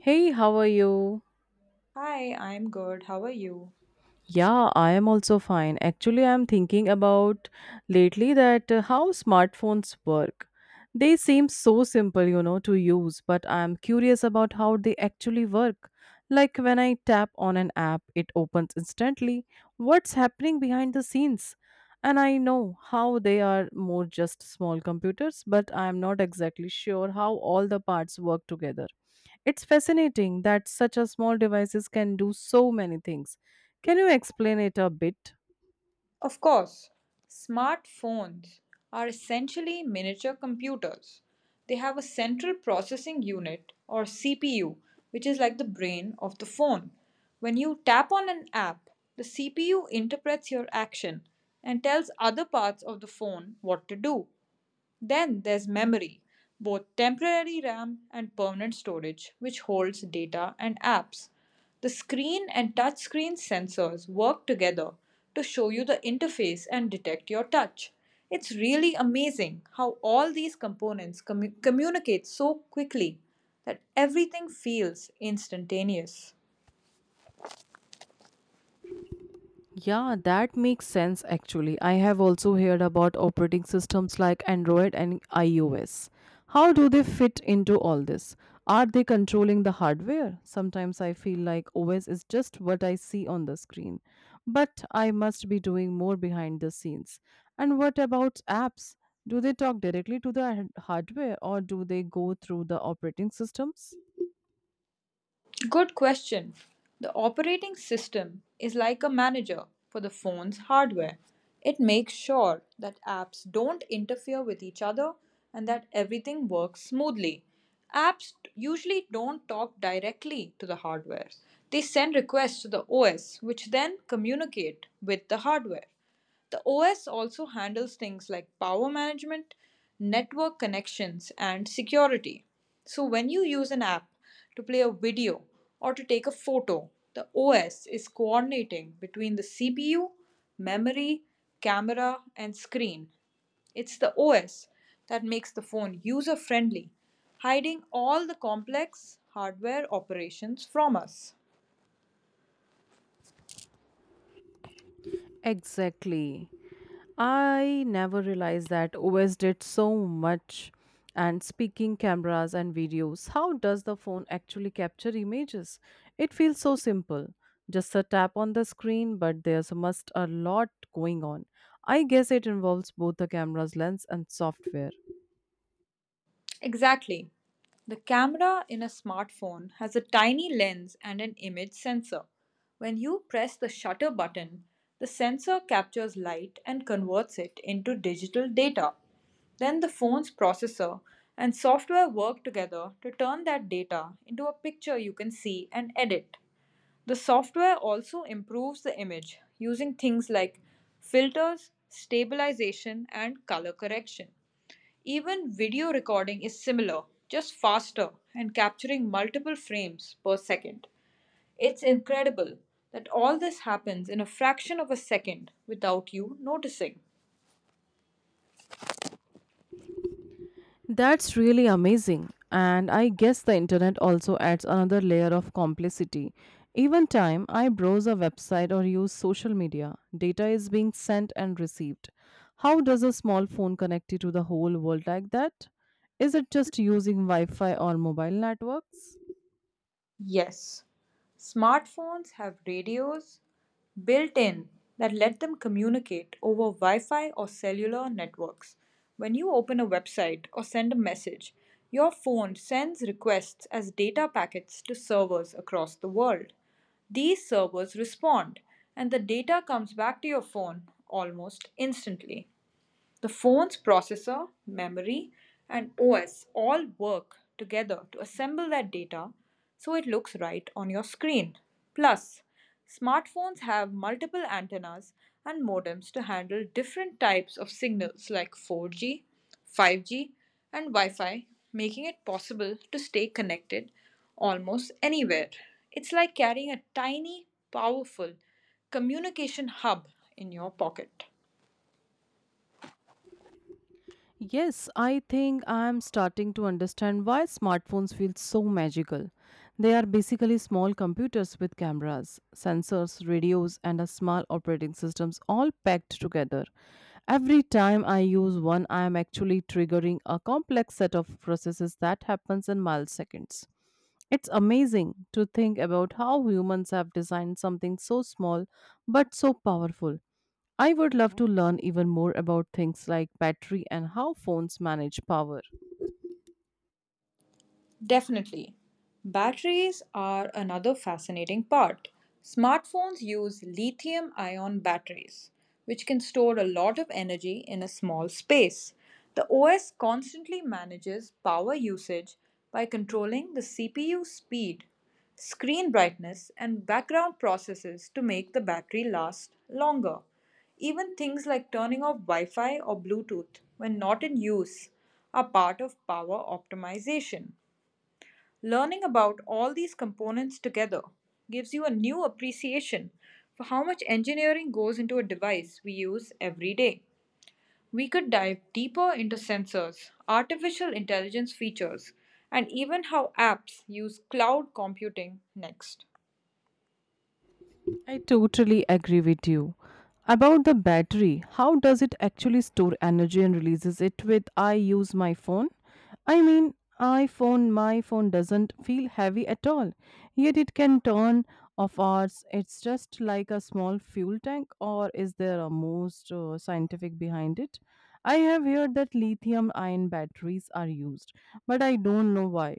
Hey, how are you? Hi, I'm good. How are you? Yeah, I am also fine. Actually, I'm thinking about lately that how smartphones work. They seem so simple, you know, to use, but I'm curious about how they actually work. Like when I tap on an app, it opens instantly. What's happening behind the scenes? And I know how they are more just small computers, but I'm not exactly sure how all the parts work together. It's fascinating that such a small devices can do so many things. Can you explain it a bit? Of course, smartphones are essentially miniature computers. They have a central processing unit or CPU, which is like the brain of the phone. When you tap on an app, the CPU interprets your action and tells other parts of the phone what to do. Then there's memory, both temporary RAM and permanent storage, which holds data and apps. The screen and touchscreen sensors work together to show you the interface and detect your touch. It's really amazing how all these components communicate so quickly that everything feels instantaneous. Yeah, that makes sense actually. I have also heard about operating systems like Android and iOS. How do they fit into all this? Are they controlling the hardware? Sometimes I feel like OS is just what I see on the screen. But I must be doing more behind the scenes. And what about apps? Do they talk directly to the hardware or do they go through the operating systems? Good question. The operating system is like a manager for the phone's hardware. It makes sure that apps don't interfere with each other and that everything works smoothly. Apps usually don't talk directly to the hardware. They send requests to the OS, which then communicate with the hardware. The OS also handles things like power management, network connections, and security. So, when you use an app to play a video or to take a photo, the OS is coordinating between the CPU, memory, camera, and screen. It's the OS that makes the phone user friendly, hiding all the complex hardware operations from us. Exactly. I never realized that OS did so much. And speaking cameras and videos, how does the phone actually capture images? It feels so simple. Just a tap on the screen, but there's must a lot going on. I guess it involves both the camera's lens and software. Exactly. The camera in a smartphone has a tiny lens and an image sensor. When you press the shutter button, the sensor captures light and converts it into digital data. Then the phone's processor and software work together to turn that data into a picture you can see and edit. The software also improves the image using things like filters, stabilization, and color correction. Even video recording is similar, just faster and capturing multiple frames per second. It's incredible that all this happens in a fraction of a second without you noticing. That's really amazing. And I guess the internet also adds another layer of complicity. Even time I browse a website or use social media, data is being sent and received. How does a small phone connect you to the whole world like that? Is it just using Wi Fi or mobile networks? Yes, smartphones have radios built in that let them communicate over Wi Fi or cellular networks. When you open a website or send a message, your phone sends requests as data packets to servers across the world. These servers respond, and the data comes back to your phone almost instantly. The phone's processor, memory, and OS all work together to assemble that data so it looks right on your screen. Plus, smartphones have multiple antennas and modems to handle different types of signals like 4G, 5G, and Wi Fi, making it possible to stay connected almost anywhere. It's like carrying a tiny, powerful communication hub in your pocket. Yes, I think I am starting to understand why smartphones feel so magical. They are basically small computers with cameras, sensors, radios, and a small operating systems all packed together. Every time I use one, I am actually triggering a complex set of processes that happens in milliseconds. It's amazing to think about how humans have designed something so small but so powerful. I would love to learn even more about things like battery and how phones manage power. Definitely. Batteries are another fascinating part. Smartphones use lithium ion batteries, which can store a lot of energy in a small space. The OS constantly manages power usage by controlling the CPU speed, screen brightness, and background processes to make the battery last longer. Even things like turning off Wi Fi or Bluetooth when not in use are part of power optimization. Learning about all these components together gives you a new appreciation for how much engineering goes into a device we use every day. We could dive deeper into sensors, artificial intelligence features, and even how apps use cloud computing next. I totally agree with you. About the battery, how does it actually store energy and releases it with I use my phone? I mean, iPhone, my phone doesn't feel heavy at all. Yet it can turn off hours. It's just like a small fuel tank, or is there a most scientific behind it? I have heard that lithium ion batteries are used, but I don't know why.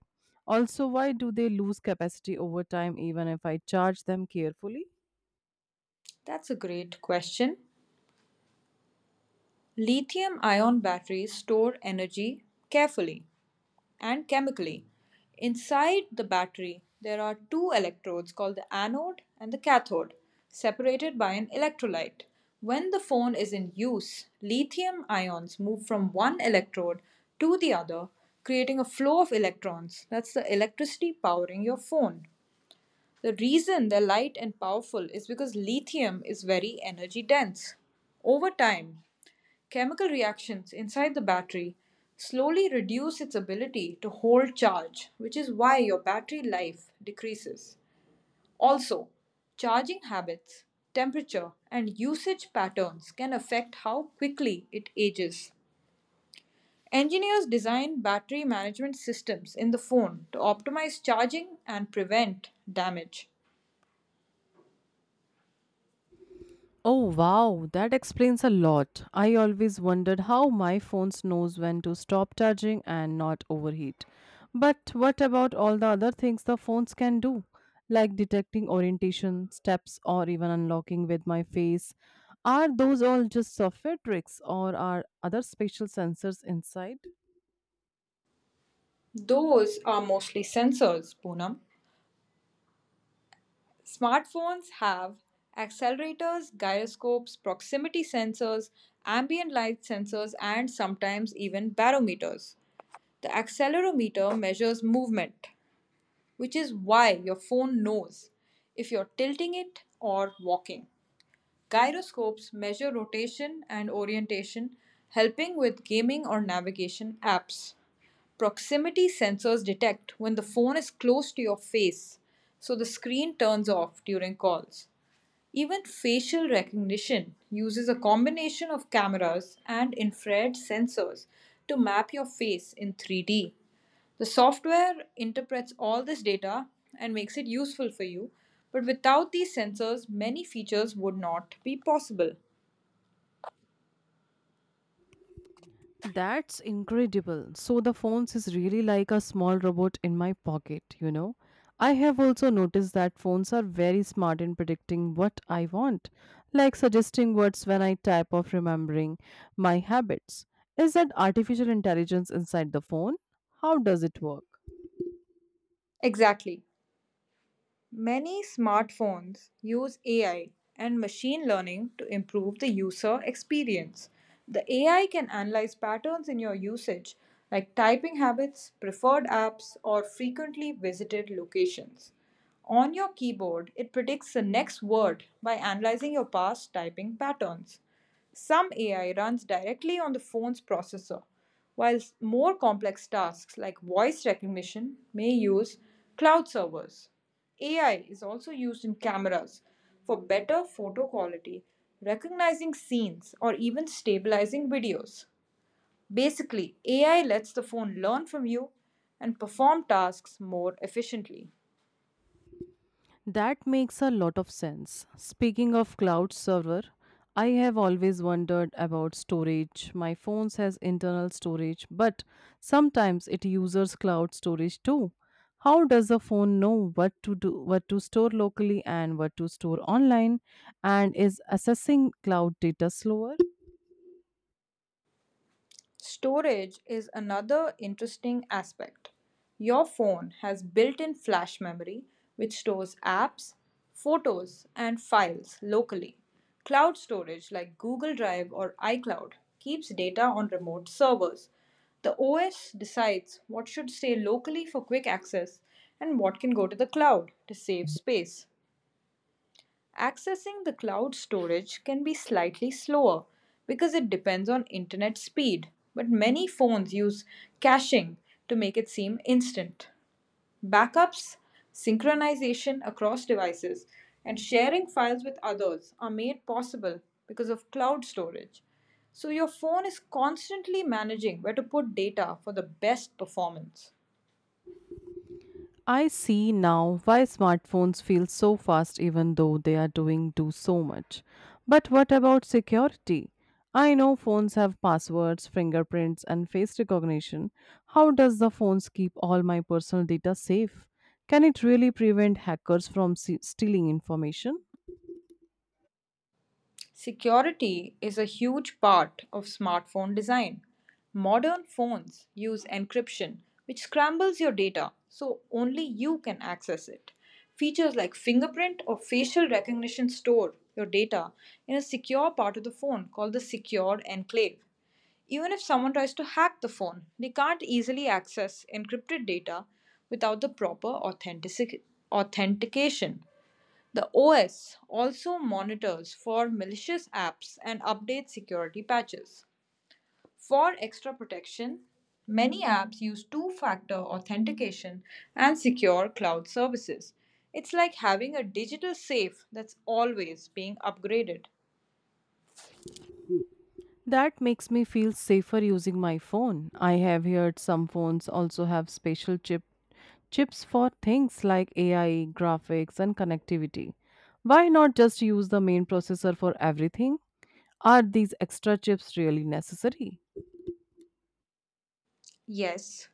Also, why do they lose capacity over time even if I charge them carefully? That's a great question. Lithium ion batteries store energy carefully and chemically. Inside the battery, there are two electrodes called the anode and the cathode, separated by an electrolyte. When the phone is in use, lithium ions move from one electrode to the other, creating a flow of electrons. That's the electricity powering your phone. The reason they're light and powerful is because lithium is very energy dense. Over time, chemical reactions inside the battery slowly reduce its ability to hold charge, which is why your battery life decreases. Also, charging habits, temperature, and usage patterns can affect how quickly it ages. Engineers design battery management systems in the phone to optimize charging and prevent damage. Oh wow, that explains a lot. I always wondered how my phone knows when to stop charging and not overheat. But what about all the other things the phones can do, like detecting orientation, steps, or even unlocking with my face? Are those all just software tricks, or are other spatial sensors inside? Those are mostly sensors, Poonam. Smartphones have accelerators, gyroscopes, proximity sensors, ambient light sensors, and sometimes even barometers. The accelerometer measures movement, which is why your phone knows if you're tilting it or walking. Gyroscopes measure rotation and orientation, helping with gaming or navigation apps. Proximity sensors detect when the phone is close to your face, so the screen turns off during calls. Even facial recognition uses a combination of cameras and infrared sensors to map your face in 3D. The software interprets all this data and makes it useful for you, but without these sensors, many features would not be possible. That's incredible. So the phones is really like a small robot in my pocket, you know. I have also noticed that phones are very smart in predicting what I want, like suggesting words when I type or remembering my habits. Is that artificial intelligence inside the phone? How does it work? Exactly. Many smartphones use AI and machine learning to improve the user experience. The AI can analyze patterns in your usage, like typing habits, preferred apps, or frequently visited locations. On your keyboard, it predicts the next word by analyzing your past typing patterns. Some AI runs directly on the phone's processor, while more complex tasks like voice recognition may use cloud servers. AI is also used in cameras for better photo quality, recognizing scenes, or even stabilizing videos. Basically, AI lets the phone learn from you and perform tasks more efficiently. That makes a lot of sense. Speaking of cloud server, I have always wondered about storage. My phone has internal storage, but sometimes it uses cloud storage too. How does the phone know what to do, what to store locally and what to store online and is accessing cloud data slower? Storage is another interesting aspect. Your phone has built in flash memory, which stores apps, photos, and files locally. Cloud storage like Google Drive or iCloud keeps data on remote servers. The OS decides what should stay locally for quick access and what can go to the cloud to save space. Accessing the cloud storage can be slightly slower because it depends on internet speed, but many phones use caching to make it seem instant. Backups, synchronization across devices, and sharing files with others are made possible because of cloud storage. So your phone is constantly managing where to put data for the best performance. I see now why smartphones feel so fast even though they are doing do so much. But what about security? I know phones have passwords, fingerprints and face recognition. How does the phones keep all my personal data safe? Can it really prevent hackers from stealing information? Security is a huge part of smartphone design. Modern phones use encryption, which scrambles your data so only you can access it. Features like fingerprint or facial recognition store your data in a secure part of the phone called the secure enclave. Even if someone tries to hack the phone, they can't easily access encrypted data without the proper authentication. The OS also monitors for malicious apps and updates security patches. For extra protection, many apps use two factor authentication and secure cloud services. It's like having a digital safe that's always being upgraded. That makes me feel safer using my phone. I have heard some phones also have special chips for things like AI, graphics and connectivity. Why not just use the main processor for everything? Are these extra chips really necessary? Yes,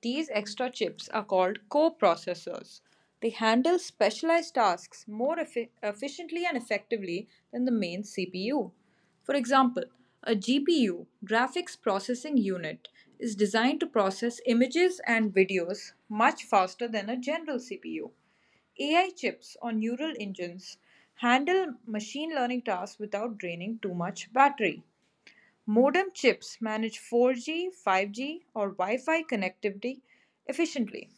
these extra chips are called coprocessors. They handle specialized tasks more efficiently and effectively than the main CPU. For example, a GPU, graphics processing unit, is designed to process images and videos much faster than a general CPU. AI chips or neural engines handle machine learning tasks without draining too much battery. Modem chips manage 4G, 5G, or Wi Fi connectivity efficiently.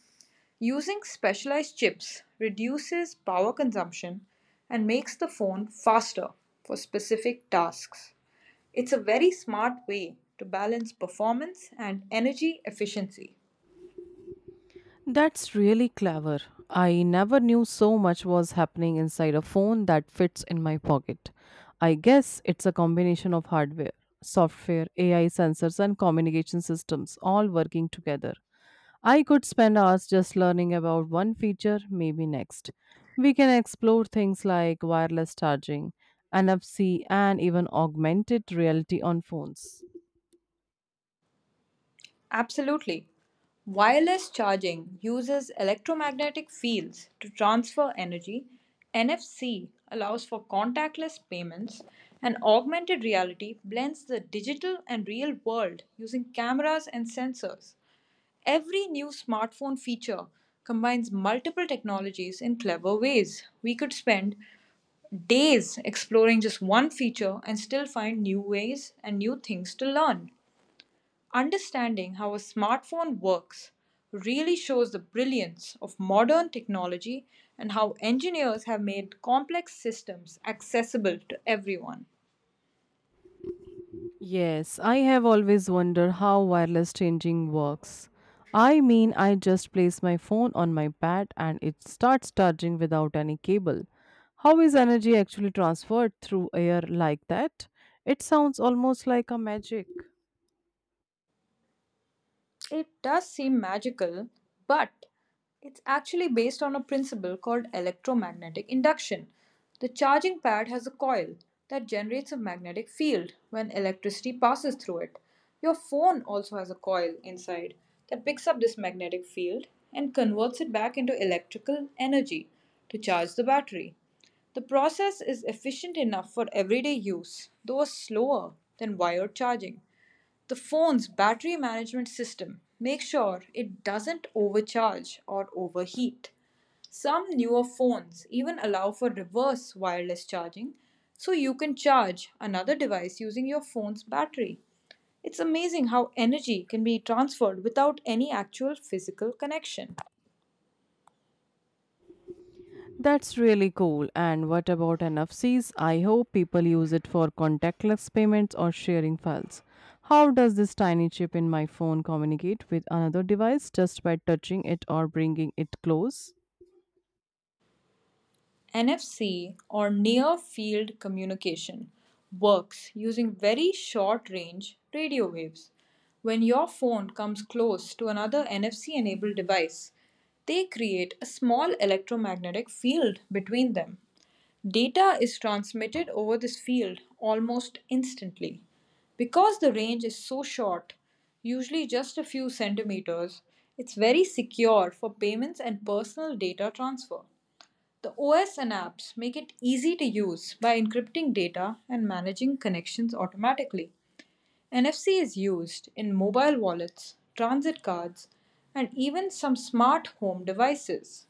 Using specialized chips reduces power consumption and makes the phone faster for specific tasks. It's a very smart way to balance performance and energy efficiency. That's really clever. I never knew so much was happening inside a phone that fits in my pocket. I guess it's a combination of hardware, software, AI sensors, and communication systems all working together. I could spend hours just learning about one feature, maybe next. We can explore things like wireless charging, NFC, and even augmented reality on phones. Absolutely. Wireless charging uses electromagnetic fields to transfer energy. NFC allows for contactless payments, and augmented reality blends the digital and real world using cameras and sensors. Every new smartphone feature combines multiple technologies in clever ways. We could spend days exploring just one feature and still find new ways and new things to learn. Understanding how a smartphone works really shows the brilliance of modern technology and how engineers have made complex systems accessible to everyone. Yes, I have always wondered how wireless changing works. I mean, I just place my phone on my pad and it starts charging without any cable. How is energy actually transferred through air like that? It sounds almost like a magic. It does seem magical, but it's actually based on a principle called electromagnetic induction. The charging pad has a coil that generates a magnetic field when electricity passes through it. Your phone also has a coil inside that picks up this magnetic field and converts it back into electrical energy to charge the battery. The process is efficient enough for everyday use, though slower than wired charging. The phone's battery management system makes sure it doesn't overcharge or overheat. Some newer phones even allow for reverse wireless charging, so you can charge another device using your phone's battery. It's amazing how energy can be transferred without any actual physical connection. That's really cool. And what about NFCs? I hope people use it for contactless payments or sharing files. How does this tiny chip in my phone communicate with another device just by touching it or bringing it close? NFC, or Near Field Communication, works using very short range radio waves. When your phone comes close to another NFC enabled device, they create a small electromagnetic field between them. Data is transmitted over this field almost instantly. Because the range is so short, usually just a few centimeters, it's very secure for payments and personal data transfer. The OS and apps make it easy to use by encrypting data and managing connections automatically. NFC is used in mobile wallets, transit cards, and even some smart home devices.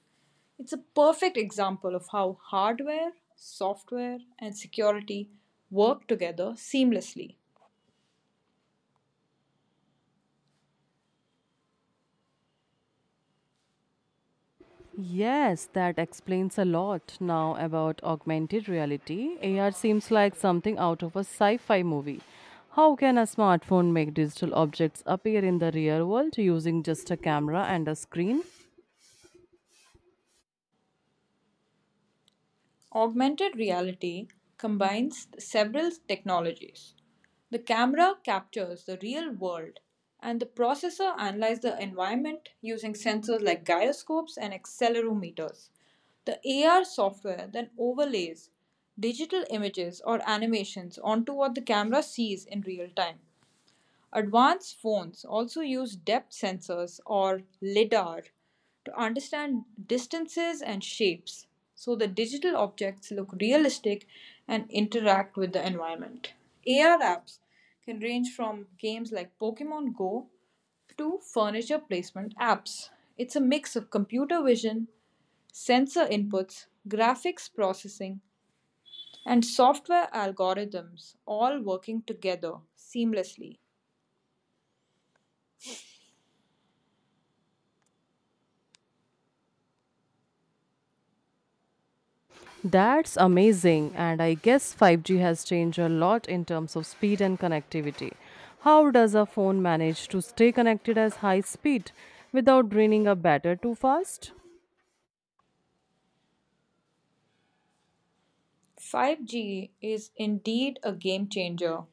It's a perfect example of how hardware, software, and security work together seamlessly. Yes, that explains a lot now about augmented reality. AR seems like something out of a sci fi movie. How can a smartphone make digital objects appear in the real world using just a camera and a screen? Augmented reality combines several technologies. The camera captures the real world, and the processor analyzes the environment using sensors like gyroscopes and accelerometers. The AR software then overlays digital images or animations onto what the camera sees in real time. Advanced phones also use depth sensors or LIDAR to understand distances and shapes, so the digital objects look realistic and interact with the environment. AR apps can range from games like Pokemon Go to furniture placement apps. It's a mix of computer vision, sensor inputs, graphics processing, and software algorithms all working together seamlessly. That's amazing, and I guess 5G has changed a lot in terms of speed and connectivity. How does a phone manage to stay connected at high speed without draining a battery too fast? 5G is indeed a game changer.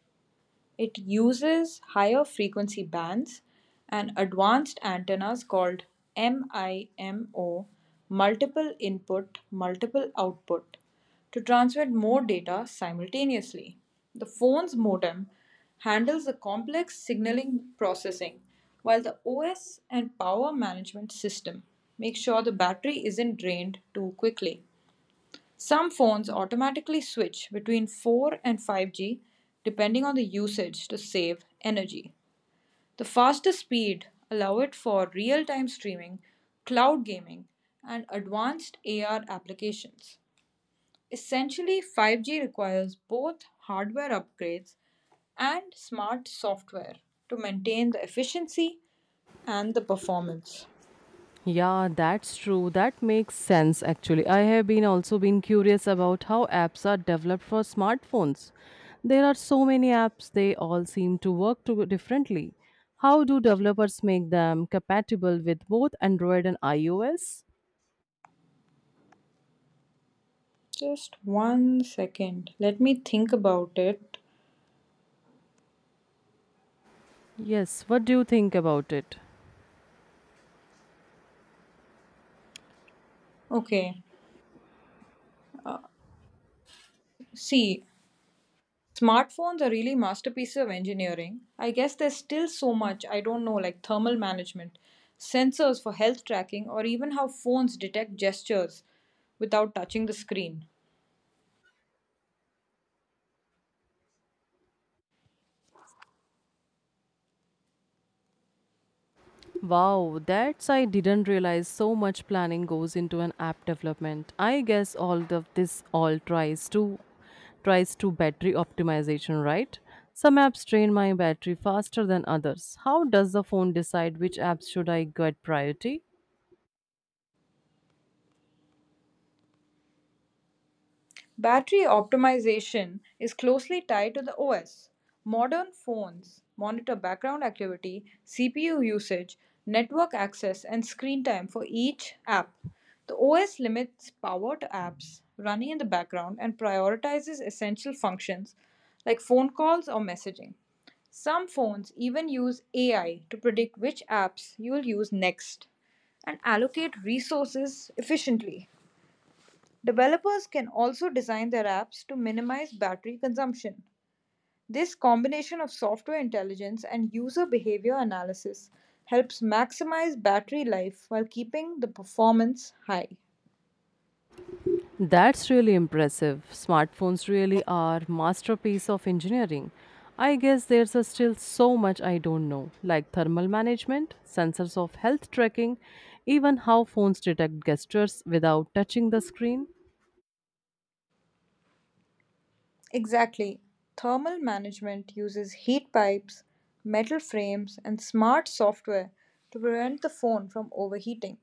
It uses higher frequency bands and advanced antennas called MIMO, multiple input, multiple output, to transmit more data simultaneously. The phone's modem handles the complex signaling processing, while the OS and power management system make sure the battery isn't drained too quickly. Some phones automatically switch between 4 and 5G depending on the usage to save energy. The faster speed allow it for real-time streaming, cloud gaming, and advanced AR applications. Essentially, 5G requires both hardware upgrades and smart software to maintain the efficiency and the performance. Yeah, that's true. That makes sense actually. I have been also been curious about how apps are developed for smartphones. There are so many apps, they all seem to work to differently. How do developers make them compatible with both Android and iOS? Just 1 second. Let me think about it. Yes, what do you think about it? Okay. Uh, see, smartphones are really masterpieces of engineering. I guess there's still so much I don't know, like thermal management, sensors for health tracking, or even how phones detect gestures without touching the screen. Wow, that's I didn't realize so much planning goes into an app development. I guess all of this all tries to battery optimization, right? Some apps drain my battery faster than others. How does the phone decide which apps should I get priority? Battery optimization is closely tied to the OS. Modern phones monitor background activity, CPU usage, network access, and screen time for each app. The OS limits power to apps running in the background and prioritizes essential functions like phone calls or messaging. Some phones even use AI to predict which apps you will use next and allocate resources efficiently. Developers can also design their apps to minimize battery consumption. This combination of software intelligence and user behavior analysis helps maximize battery life while keeping the performance high. That's really impressive. Smartphones really are masterpiece of engineering. I guess there's a still so much I don't know, like thermal management, sensors of health tracking, even how phones detect gestures without touching the screen. Exactly. Thermal management uses heat pipes, metal frames, and smart software to prevent the phone from overheating.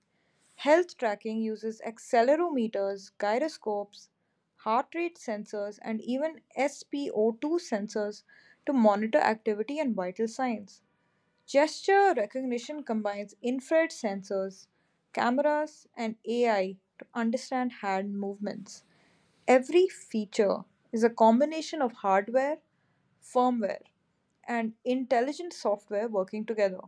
Health tracking uses accelerometers, gyroscopes, heart rate sensors, and even SpO2 sensors to monitor activity and vital signs. Gesture recognition combines infrared sensors, cameras, and AI to understand hand movements. Every feature is a combination of hardware, firmware, and intelligent software working together.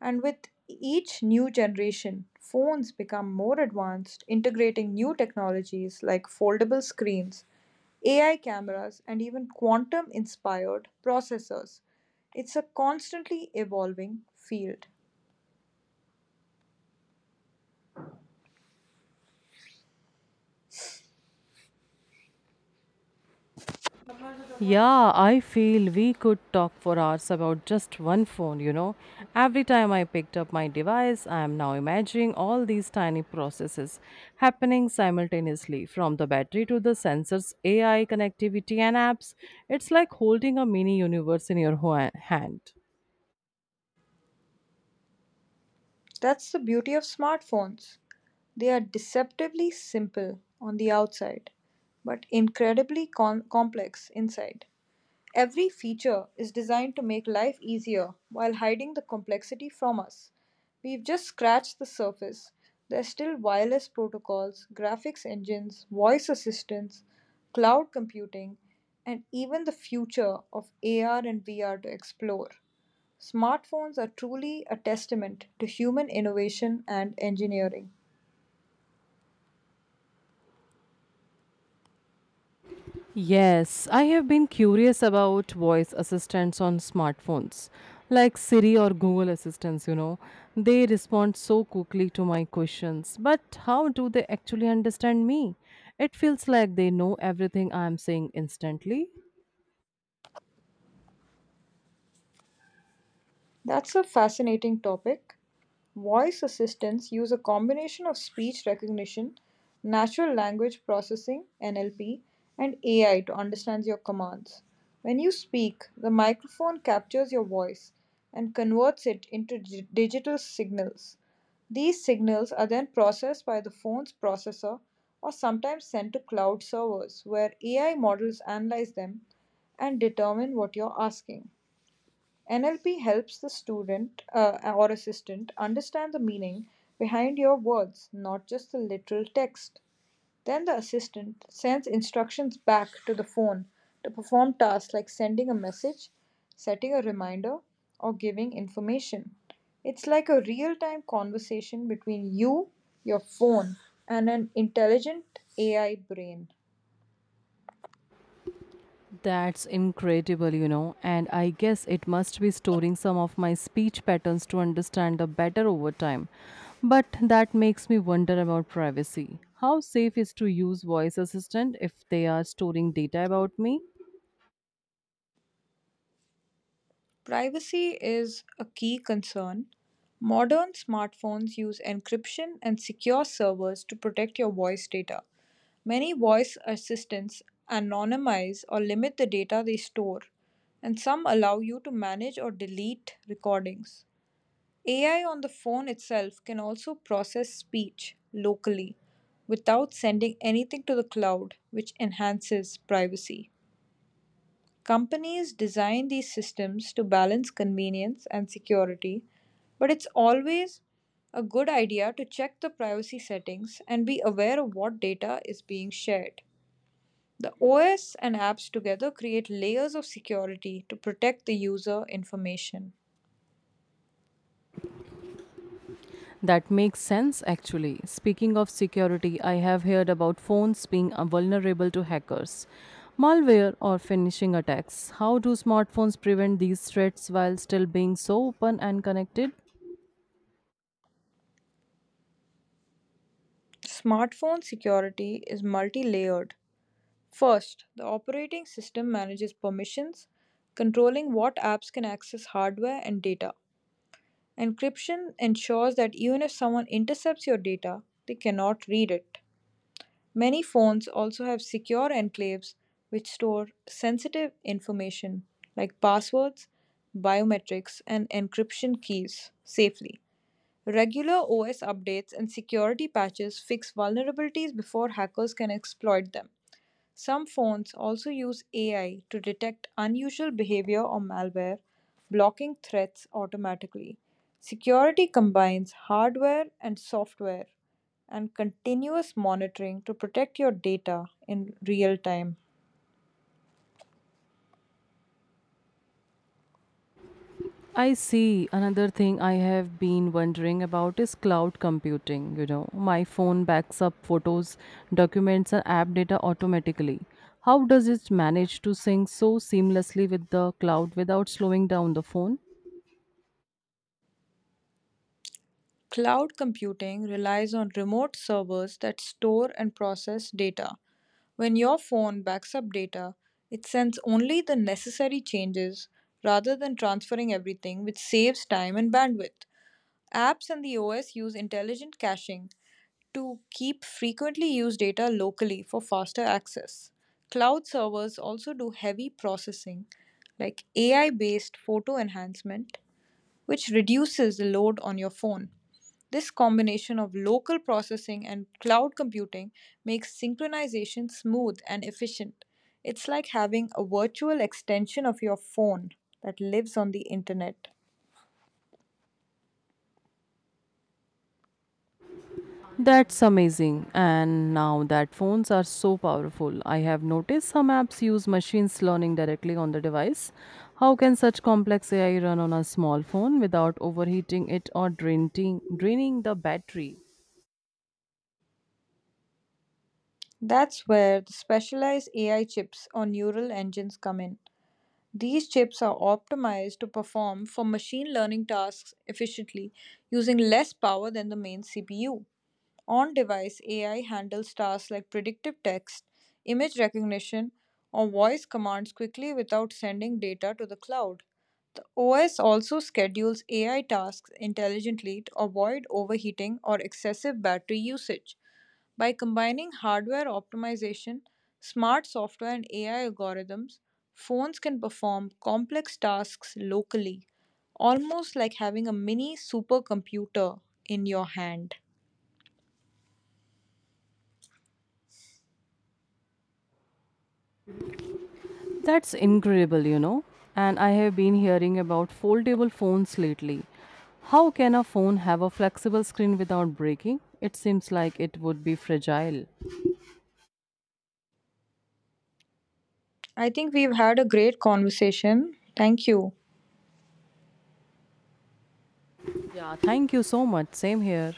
And with each new generation, phones become more advanced, integrating new technologies like foldable screens, AI cameras, and even quantum inspired processors. It's a constantly evolving field. Yeah, I feel we could talk for hours about just one phone, you know. Every time I picked up my device, I am now imagining all these tiny processes happening simultaneously from the battery to the sensors, AI connectivity, and apps. It's like holding a mini universe in your hand. That's the beauty of smartphones. They are deceptively simple on the outside, but incredibly complex inside. Every feature is designed to make life easier while hiding the complexity from us. We've just scratched the surface. There's still wireless protocols, graphics engines, voice assistants, cloud computing, and even the future of AR and VR to explore. Smartphones are truly a testament to human innovation and engineering. Yes, I have been curious about voice assistants on smartphones, like Siri or Google Assistants, you know. They respond so quickly to my questions, but how do they actually understand me? It feels like they know everything I am saying instantly. That's a fascinating topic. Voice assistants use a combination of speech recognition, natural language processing (NLP), and AI to understand your commands. When you speak, the microphone captures your voice and converts it into digital signals. These signals are then processed by the phone's processor or sometimes sent to cloud servers where AI models analyze them and determine what you're asking. NLP helps the student or assistant understand the meaning behind your words, not just the literal text. Then the assistant sends instructions back to the phone to perform tasks like sending a message, setting a reminder, or giving information. It's like a real time conversation between you, your phone, and an intelligent AI brain. That's incredible, you know, and I guess it must be storing some of my speech patterns to understand them better over time. But that makes me wonder about privacy. How safe is to use voice assistant if they are storing data about me? Privacy is a key concern. Modern smartphones use encryption and secure servers to protect your voice data. Many voice assistants anonymize or limit the data they store, and some allow you to manage or delete recordings. AI on the phone itself can also process speech locally without sending anything to the cloud, which enhances privacy. Companies design these systems to balance convenience and security, but it's always a good idea to check the privacy settings and be aware of what data is being shared. The OS and apps together create layers of security to protect the user information. That makes sense actually. Speaking of security, I have heard about phones being vulnerable to hackers, malware or phishing attacks. How do smartphones prevent these threats while still being so open and connected? Smartphone security is multi layered. First, the operating system manages permissions, controlling what apps can access hardware and data. Encryption ensures that even if someone intercepts your data, they cannot read it. Many phones also have secure enclaves which store sensitive information like passwords, biometrics, and encryption keys safely. Regular OS updates and security patches fix vulnerabilities before hackers can exploit them. Some phones also use AI to detect unusual behavior or malware, blocking threats automatically. Security combines hardware and software and continuous monitoring to protect your data in real time. I see. Another thing I have been wondering about is cloud computing. You know, my phone backs up photos, documents, and app data automatically. How does it manage to sync so seamlessly with the cloud without slowing down the phone? Cloud computing relies on remote servers that store and process data. When your phone backs up data, it sends only the necessary changes rather than transferring everything, which saves time and bandwidth. Apps and the OS use intelligent caching to keep frequently used data locally for faster access. Cloud servers also do heavy processing, like AI based photo enhancement, which reduces the load on your phone. This combination of local processing and cloud computing makes synchronization smooth and efficient. It's like having a virtual extension of your phone that lives on the internet. That's amazing. And now that phones are so powerful, I have noticed some apps use machines learning directly on the device. How can such complex AI run on a small phone without overheating it or draining the battery? That's where the specialized AI chips or neural engines come in. These chips are optimized to perform for machine learning tasks efficiently, using less power than the main CPU. On device, AI handles tasks like predictive text, image recognition, or voice commands quickly without sending data to the cloud. The OS also schedules AI tasks intelligently to avoid overheating or excessive battery usage. By combining hardware optimization, smart software, and AI algorithms, phones can perform complex tasks locally, almost like having a mini supercomputer in your hand. That's incredible, you know. And I have been hearing about foldable phones lately. How can a phone have a flexible screen without breaking? It seems like it would be fragile. I think we've had a great conversation. Thank you. Yeah, thank you so much. Same here.